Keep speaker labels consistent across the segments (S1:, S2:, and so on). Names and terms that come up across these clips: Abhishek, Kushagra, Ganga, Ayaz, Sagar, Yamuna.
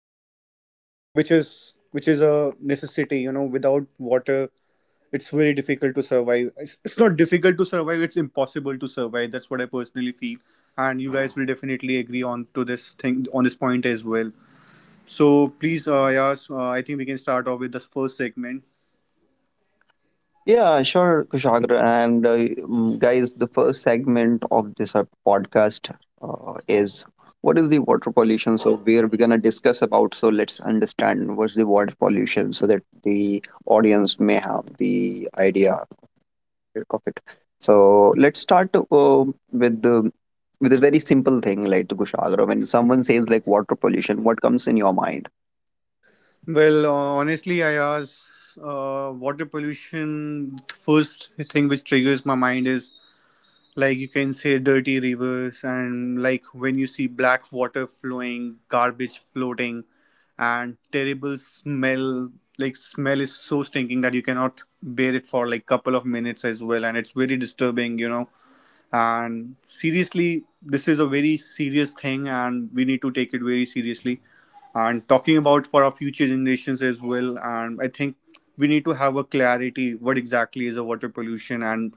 S1: water is something which is a necessity, you know, without water it's very difficult to survive. It's not difficult to survive, it's impossible to survive. That's what I personally feel, and you guys will definitely agree on to this thing on this point as well. So please Ayaz, I think we can start off with the first segment.
S2: Yeah, sure, Kushagra. And guys, the first segment of this podcast is, what is the water pollution? So where we're gonna discuss about. So let's understand what's the water pollution, so that the audience may have the idea of it. So let's start with the with a very simple thing like to Kushagra. When someone says like water pollution, what comes in your mind?
S1: Well, honestly, Ayaz, water pollution, the first thing which triggers my mind is like you can say dirty rivers, and like when you see black water flowing, garbage floating, and terrible smell. Like smell is so stinking that you cannot bear it for like couple of minutes as well, and it's very disturbing, you know. And seriously this is a very serious thing and we need to take it very seriously and talking about for our future generations as well. And I think we need to have a clarity what exactly is a water pollution, and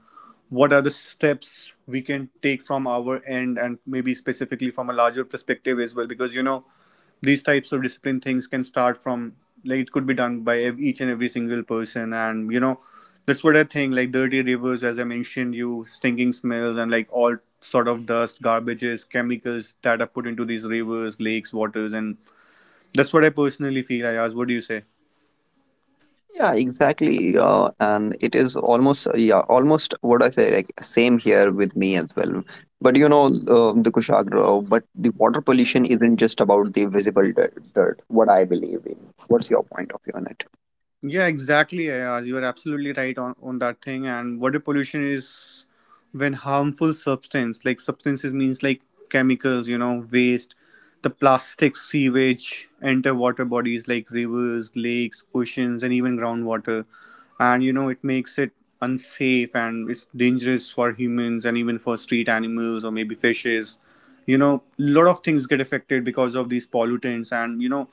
S1: what are the steps we can take from our end and maybe specifically from a larger perspective as well. Because you know these types of discipline things can start from, like it could be done by each and every single person. And you know that's what I think. Like dirty rivers, as I mentioned, you stinking smells, and like all sort of dust, garbages, chemicals that are put into these rivers, lakes, waters. And that's what I personally feel, Ayaz. What do you say?
S2: Yeah, exactly. And it is almost, yeah, almost what I say, like same here with me as well. But you know, the Kushagra, but the water pollution isn't just about the visible dirt, what I believe in. What's your point of view on it?
S1: Yeah, exactly, Ayaz. You are absolutely right on that thing. And water pollution is when harmful substance, like substances means like chemicals, you know, waste, the plastic sewage, enter water bodies like rivers, lakes, oceans, and even groundwater. And you know, it makes it unsafe and it's dangerous for humans and even for street animals or maybe fishes. You know, lot of things get affected because of these pollutants. And you know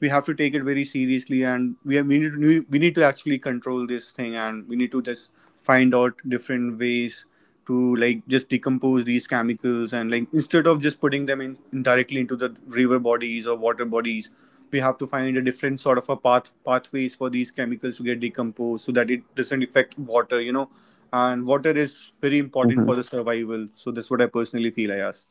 S1: we have to take it very seriously, and we have, we need to actually control this thing, and we need to just find out different ways to like just decompose these chemicals, and like instead of just putting them in directly into the river bodies or water bodies, we have to find a different sort of a pathways for these chemicals to get decomposed so that it doesn't affect water, you know. And water is very important for the survival. So that's what I personally feel, I ask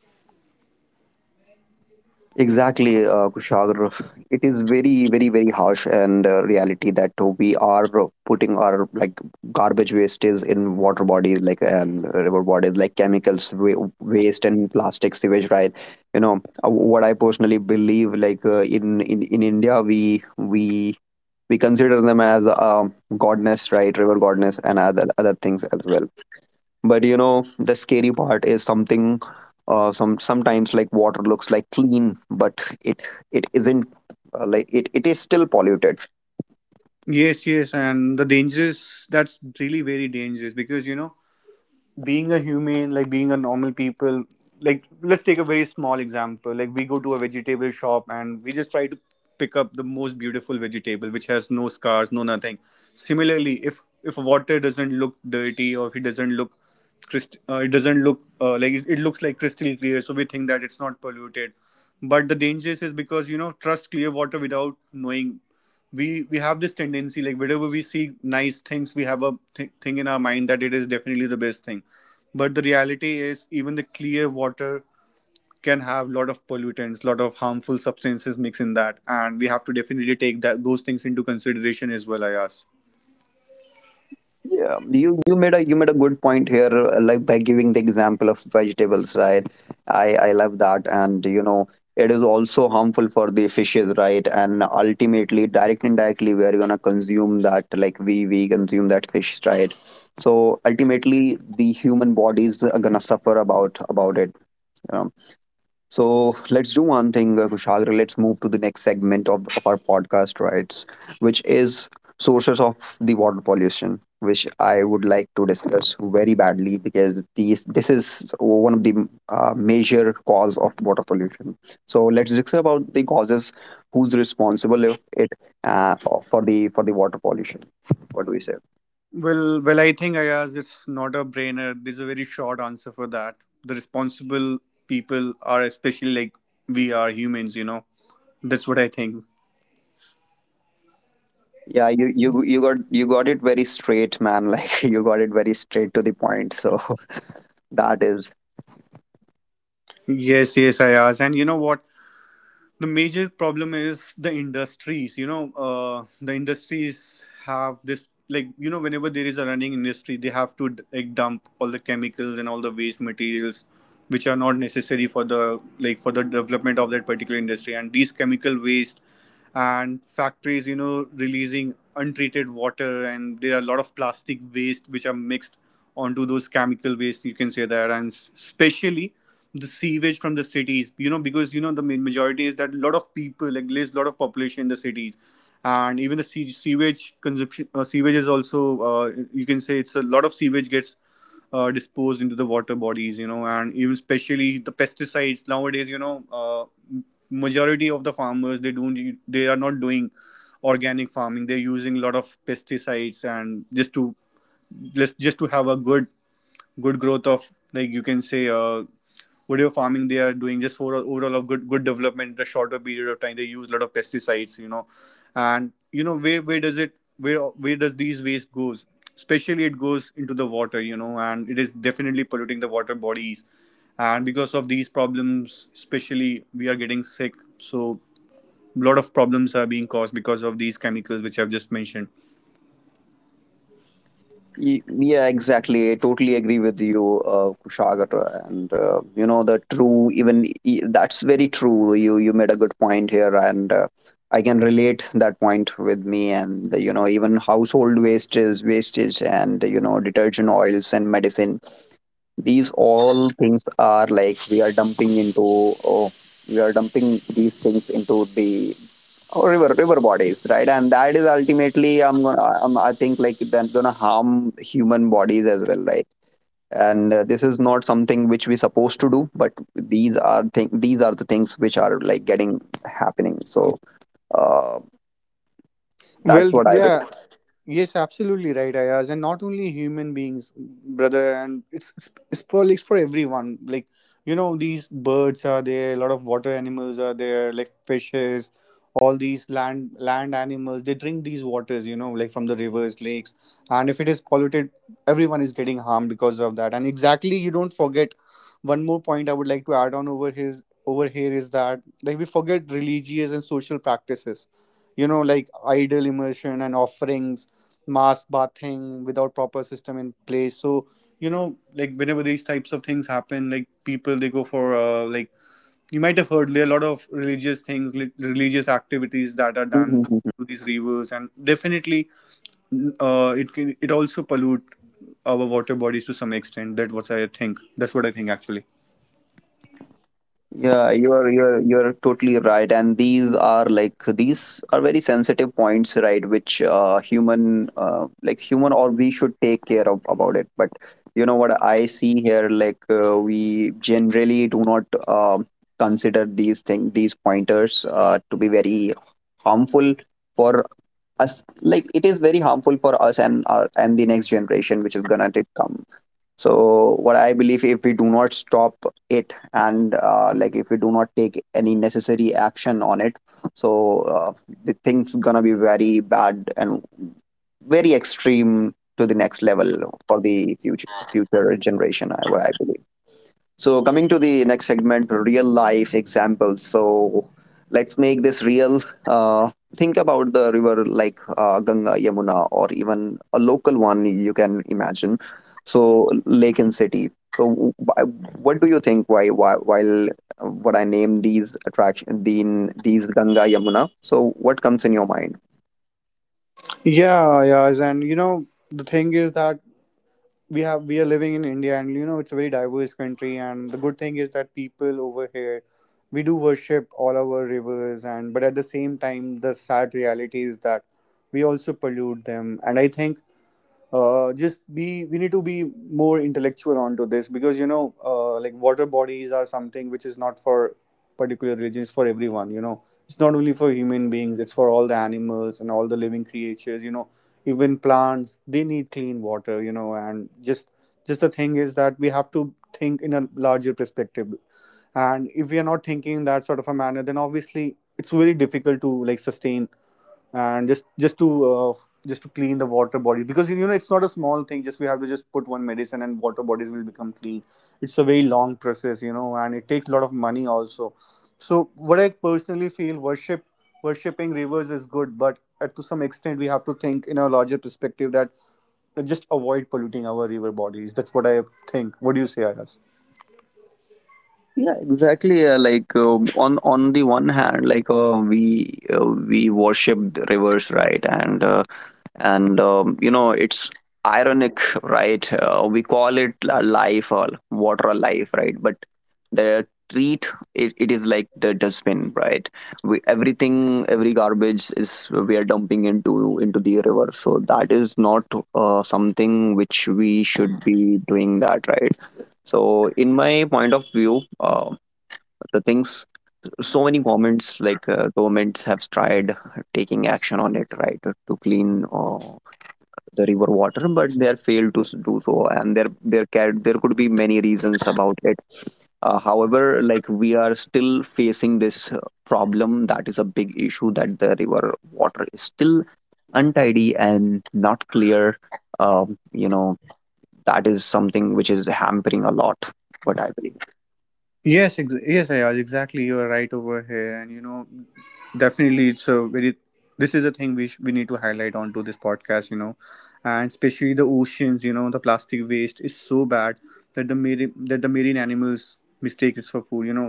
S2: Exactly, Kushagra. It is very, very, very harsh and reality that we are putting our like garbage wastes in water bodies, like and river bodies, like chemicals, waste, and plastic sewage, right? You know, what I personally believe, like in India, we consider them as godness, right? River godness and other things as well. But you know, the scary part is something. Sometimes like water looks like clean, but it isn't. It is still polluted.
S1: yes, yes, and the dangers, that's really very dangerous. Because you know, being a human, like being a normal people, like let's take a very small example. Like we go to a vegetable shop and we just try to pick up the most beautiful vegetable which has no scars, no nothing. Similarly, if water doesn't look dirty, or if it doesn't look crystal, it doesn't look like it looks like crystal clear, so we think that it's not polluted. But the danger is because you know trust clear water without knowing, we have this tendency, like whenever we see nice things we have a thing in our mind that it is definitely the best thing. But the reality is even the clear water can have lot of pollutants, lot of harmful substances mixed in that, and we have to definitely take that those things into consideration as well, Ayaz.
S2: Yeah, you you made a good point here, like by giving the example of vegetables, right? I love that, and you know, it is also harmful for the fishes, right? And ultimately, directly indirectly, we are gonna consume that, like we consume that fish, right? So ultimately, the human bodies are gonna suffer about it. So let's do one thing, Kushagra. Let's move to the next segment of our podcast, right? Which is sources of the water pollution, which I would like to discuss very badly, because these this is one of the major cause of water pollution. So let's discuss about the causes, who's responsible if it uh, for the water pollution. What do we say?
S1: Well, I think, Ayaz, it's not a brainer. There's a very short answer for that. The responsible people are, especially like we are humans, you know. That's what I think.
S2: Yeah, you, you got it very straight, man. Like you got it very straight to the point. So that is
S1: Yes, yes, Ayaz, and you know what, the major problem is the industries, you know. The industries have this, like you know, whenever there is a running industry they have to like dump all the chemicals and all the waste materials which are not necessary for the, like for the development of that particular industry. And these chemical waste and factories, you know, releasing untreated water, and there are a lot of plastic waste which are mixed onto those chemical waste, you can say that. And especially the sewage from the cities, you know, because you know the main majority is that a lot of people, like there's a lot of population in the cities, and even the sewage consumption, sewage is also, you can say, it's a lot of sewage gets disposed into the water bodies, you know. And even especially the pesticides nowadays, you know, majority of the farmers they don't they are not doing organic farming, they're using a lot of pesticides. And just to just to have a good good growth of, like you can say, whatever farming they are doing, just for overall of good good development in the shorter period of time, they use a lot of pesticides, you know. And you know where where does these waste goes? Especially it goes into the water, you know, and it is definitely polluting the water bodies. And because of these problems, especially we are getting sick. So a lot of problems are being caused because of these chemicals which I've just mentioned.
S2: Yeah, exactly. I totally agree with you, Kushagra. And you know, the true, even that's very true. You made a good point here, and I can relate that point with me. And you know, even household wastage, and you know, detergent oils and medicine. These all things are like we are dumping into. Oh, we are dumping these things into the or river river bodies, right? And that is ultimately I'm, I think like that's gonna harm human bodies as well, right? And this is not something which we're supposed to do, but these are the things which are like getting happening. So uh, that's
S1: Well,
S2: what I
S1: yeah, Yes, absolutely right, Ayaz. And not only human beings, brother. And it's for like for everyone. Like you know, these birds are there. A lot of water animals are there, like fishes. All these land animals, they drink these waters, you know, like from the rivers, lakes. And if it is polluted, everyone is getting harmed because of that. And exactly, you don't forget one more point I would like to add on over his over here is that like we forget religious and social practices. You know, like idol immersion and offerings, mass bathing without proper system in place. So you know, like whenever these types of things happen, like people they go for, like you might have heard there are a lot of religious things, religious activities that are done
S2: think.
S1: to these rivers. And definitely it can, it also pollute our water bodies to some extent. That what I think, that's what I think actually.
S2: Yeah, you are you're totally right, and these are like these are very sensitive points, right? Which human like human, or we should take care of about it. But you know what I see here, like we generally do not consider these thing these pointers to be very harmful for us. Like it is very harmful for us and our and the next generation, which is gonna to come. So what I believe, if we do not stop it, and like if we do not take any necessary action on it, so the thing's gonna be very bad and very extreme to the next level for the future generation, I what I believe. So, coming to the next segment, real life examples. So, let's make this real. Uh, think about the river like Ganga, Yamuna, or even a local one you can imagine. So, lake and city. So, what do you think? Why, while What I name these attraction, these Ganga, Yamuna. So, what comes in your mind?
S1: Yeah, yeah, and you know, the thing is that we have, we are living in India, and you know it's a very diverse country. And the good thing is that people over here, we do worship all our rivers. And but at the same time, the sad reality is that we also pollute them. And I think just be we need to be more intellectual onto this, because you know like water bodies are something which is not for particular religions, for everyone, you know. It's not only for human beings, it's for all the animals and all the living creatures, you know. Even plants, they need clean water, you know. And just the thing is that we have to think in a larger perspective. And if we are not thinking in that sort of a manner, then obviously it's very difficult to like sustain. And just to clean the water body, because you know it's not a small thing, just we have to just put one medicine and water bodies will become clean. It's a very long process, you know, and it takes a lot of money also. So what I personally feel, worshipping rivers is good, but at, to some extent we have to think in a larger perspective that just avoid polluting our river bodies. That's what I think. What do you say, Ayaz?
S2: Yeah, exactly. On the one hand, like we worship the rivers, right? And you know it's ironic, right? We call it a life or water alive, right? But the treat it, it is like the dustbin, right? We, everything every garbage is we are dumping into the river. So that is not something which we should be doing that, right? So in my point of view, the things so many governments, like governments have tried taking action on it, right? To clean the river water, but they are failed to do so, and there can there could be many reasons about it. However, like we are still facing this problem, that is a big issue that the river water is still untidy and not clear. You know, that is something which is hampering a lot, what I believe.
S1: Yes, yes, Ayaz, exactly. You are right over here, and you know, definitely, it's a very. This is a thing we we need to highlight onto this podcast, you know. And especially the oceans, you know, the plastic waste is so bad that the marine animals mistake it for food. You know,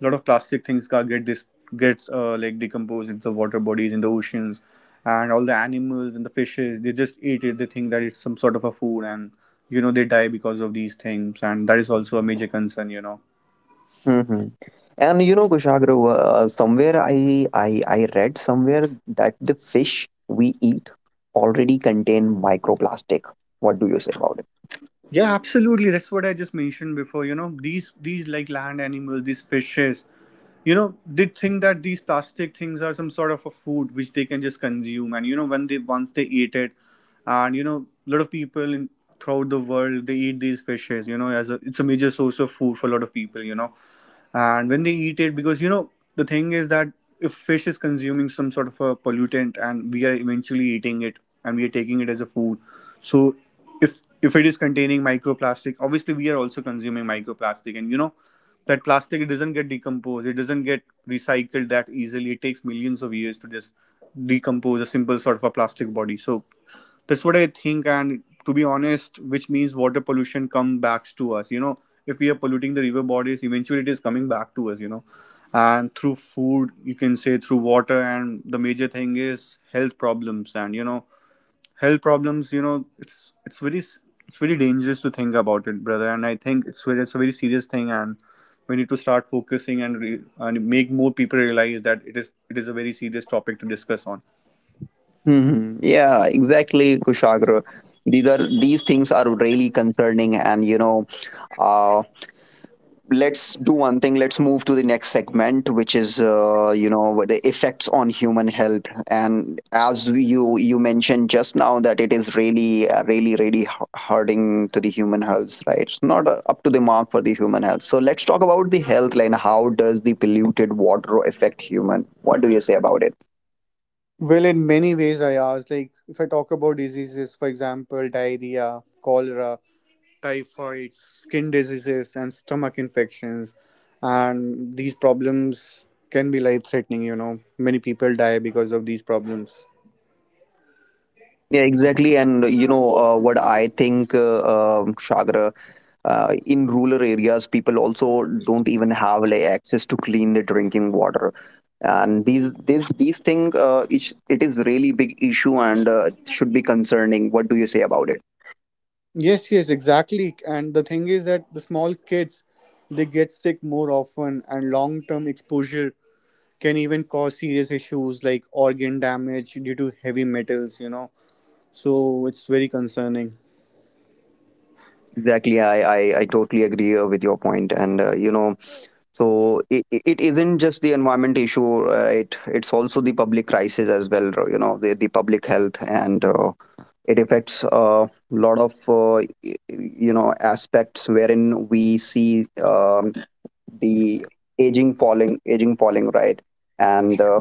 S1: a lot of plastic things gets like decomposed into the water bodies in the oceans, and all the animals and the fishes they just eat it. They think that it's some sort of a food, and you know they die because of these things, and that is also a major concern.
S2: Mhm. And you know, Kushagra, somewhere I read somewhere that the fish we eat already contain microplastic. What do you say about it?
S1: Yeah, absolutely. That's what I just mentioned before. You know, these like land animals, these fishes, they think that these plastic things are some sort of a food which they can just consume. And you know, when they once they eat it, a lot of people in throughout the world they eat these fishes. You know, as a it's a major source of food for a lot of people. You know, and when they eat it, because the thing is that if fish is consuming some sort of a pollutant, and we are eventually eating it, and we are taking it as a food, so if it is containing microplastic, obviously we are also consuming microplastic. And that plastic, it doesn't get decomposed, it doesn't get recycled that easily. It takes millions of years to just decompose a simple sort of a plastic body. So that's what I think, and to be honest, which means water pollution come back to us. If we are polluting the river bodies, eventually it is coming back to us, and through food, you can say, through water. And the major thing is health problems, and health problems, it's very it's very dangerous to think about it, brother. And I think it's very, it's a very serious thing, and we need to start focusing and and make more people realize that it is a very serious topic to discuss on.
S2: Hmm. Yeah, exactly, Kushagra. These are these things are really concerning, and you know, uh, let's do one thing, let's move to the next segment, which is you know, the effects on human health. And as you mentioned just now, that it is really really really hurting to the human health, right? It's not up to the mark for the human health. So let's talk about the health line, how does the polluted water affect human? What do you say about it?
S1: Well, in many ways, I asked. Like, if I talk about diseases, for example, diarrhea, cholera, typhoid, skin diseases, and stomach infections, and these problems can be life threatening, you know. Many people die because of these problems.
S2: Yeah, exactly. And you know, Shagra, in rural areas, people also don't even have like access to clean their drinking water, and these thing, it is really big issue, and should be concerning. What do you say about it?
S1: Yes, yes, exactly. And the thing is that the small kids, they get sick more often, and long-term exposure can even cause serious issues like organ damage due to heavy metals, you know. So it's very concerning.
S2: Exactly, I totally agree with your point, and you know, so it isn't just the environment issue, right? It's also the public crisis as well, you know, the public health, and it affects a lot of you know aspects, wherein we see the aging falling, right? And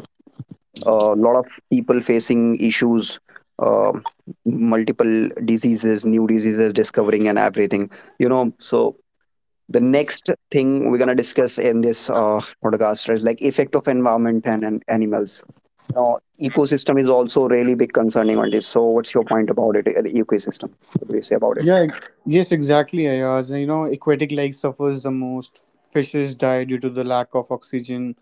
S2: a lot of people facing issues, um multiple diseases, new diseases discovering and everything, you know. So the next thing we're going to discuss in this podcast is like effect of environment and animals. Now ecosystem is also really big concerning on this. So what's your point about it, the ecosystem? What do you say about it?
S1: Yeah, yes, exactly, Ayaz. You know, aquatic life suffers the most. Fishes die due to the lack of oxygen.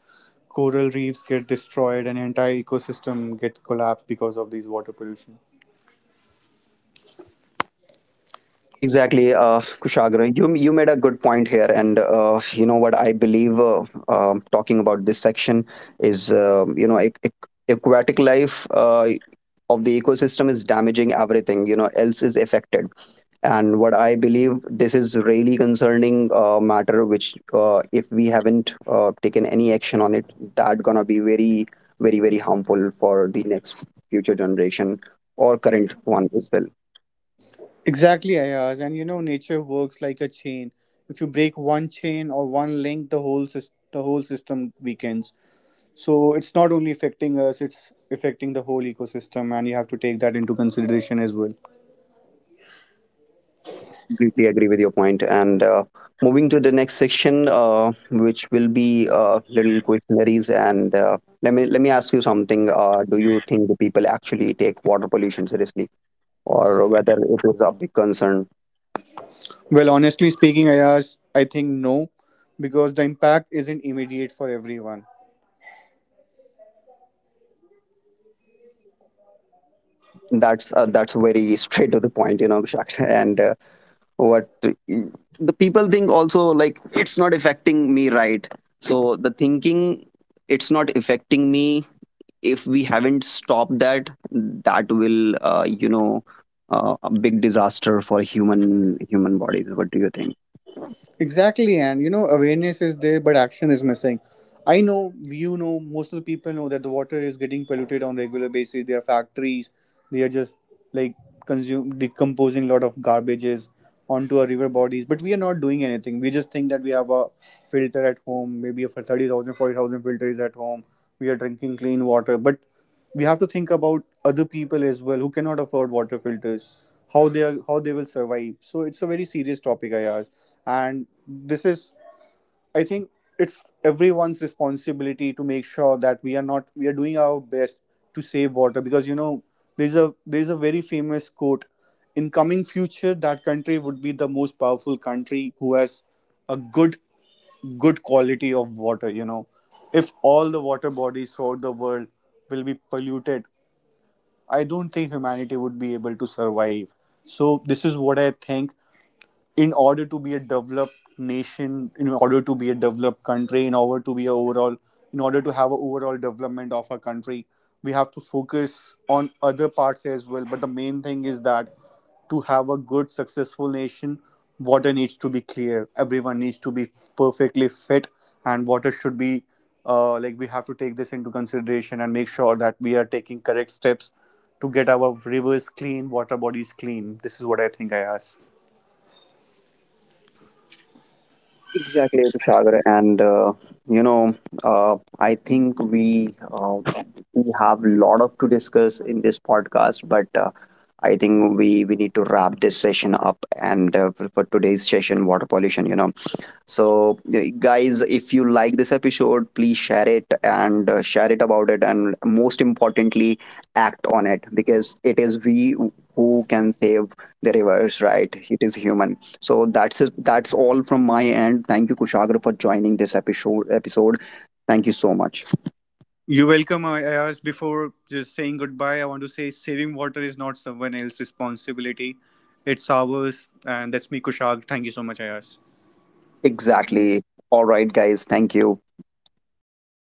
S1: Coral reefs get destroyed, and entire ecosystem get collapsed because of these water pollution.
S2: Exactly, Kushagra, you made a good point here, and you know what I believe, talking about this section is, you know, aquatic life of the ecosystem is damaging, everything you know else is affected. And what I believe, this is really concerning matter, which if we haven't taken any action on it, that gonna be very very very harmful for the next future generation or current one as well.
S1: Exactly, Ayaz. And you know, nature works like a chain. If you break one chain or one link, the whole system weakens. So it's not only affecting us; it's affecting the whole ecosystem, and you have to take that into consideration as well.
S2: Completely agree with your point. And moving to the next section, which will be little questionnaires, and let me ask you something. Do you think the people actually take water pollution seriously, or whether it is a big concern?
S1: Well, honestly speaking, Ayaz, I think no, because the impact isn't immediate for everyone.
S2: That's that's very straight to the point, you know, Abhishek. And what the people think also, like it's not affecting me, right? So the thinking, it's not affecting me. If we haven't stopped that, that will you know, a big disaster for human human bodies. What do you think?
S1: Exactly, and you know, awareness is there, but action is missing. I know, you know, most of the people know that the water is getting polluted on regular basis. There are factories, they are just like consume decomposing a lot of garbages onto our river bodies. But we are not doing anything. We just think that we have a filter at home, maybe a 30,000, forty thousand 40,000 filter is at home. We are drinking clean water, but we have to think about other people as well who cannot afford water filters, how they are, how they will survive. So it's a very serious topic, I ask. And this is, I think, it's everyone's responsibility to make sure that we are not we are doing our best to save water. Because you know, there's a very famous quote in coming future that country would be the most powerful country who has a good quality of water, you know. If all the water bodies throughout the world will be polluted, I don't think humanity would be able to survive. So this is what I think. In order to be a developed nation, in order to be a developed country, in order to have a overall development of our country, we have to focus on other parts as well. But the main thing is that to have a good successful nation, water needs to be clear, everyone needs to be perfectly fit, and water should be like, we have to take this into consideration and make sure that we are taking correct steps to get our rivers clean, water bodies clean. This is what I think, I ask.
S2: Exactly, Sagar, and you know, I think we have a lot of to discuss in this podcast, but I think we need to wrap this session up. And for today's session, water pollution, you know. So yeah, guys, if you like this episode, please share it, and share it about it, and most importantly, act on it, because it is we who can save the rivers, right? It is human. So that's it, that's all from my end. Thank you, Kushagra, for joining this episode. Thank you so much.
S1: You're welcome, Ayaz. Before just saying goodbye, I want to say saving water is not someone else's responsibility. It's ours. And that's me, Kushal. Thank you so much, Ayaz.
S2: Exactly. All right, guys, thank you.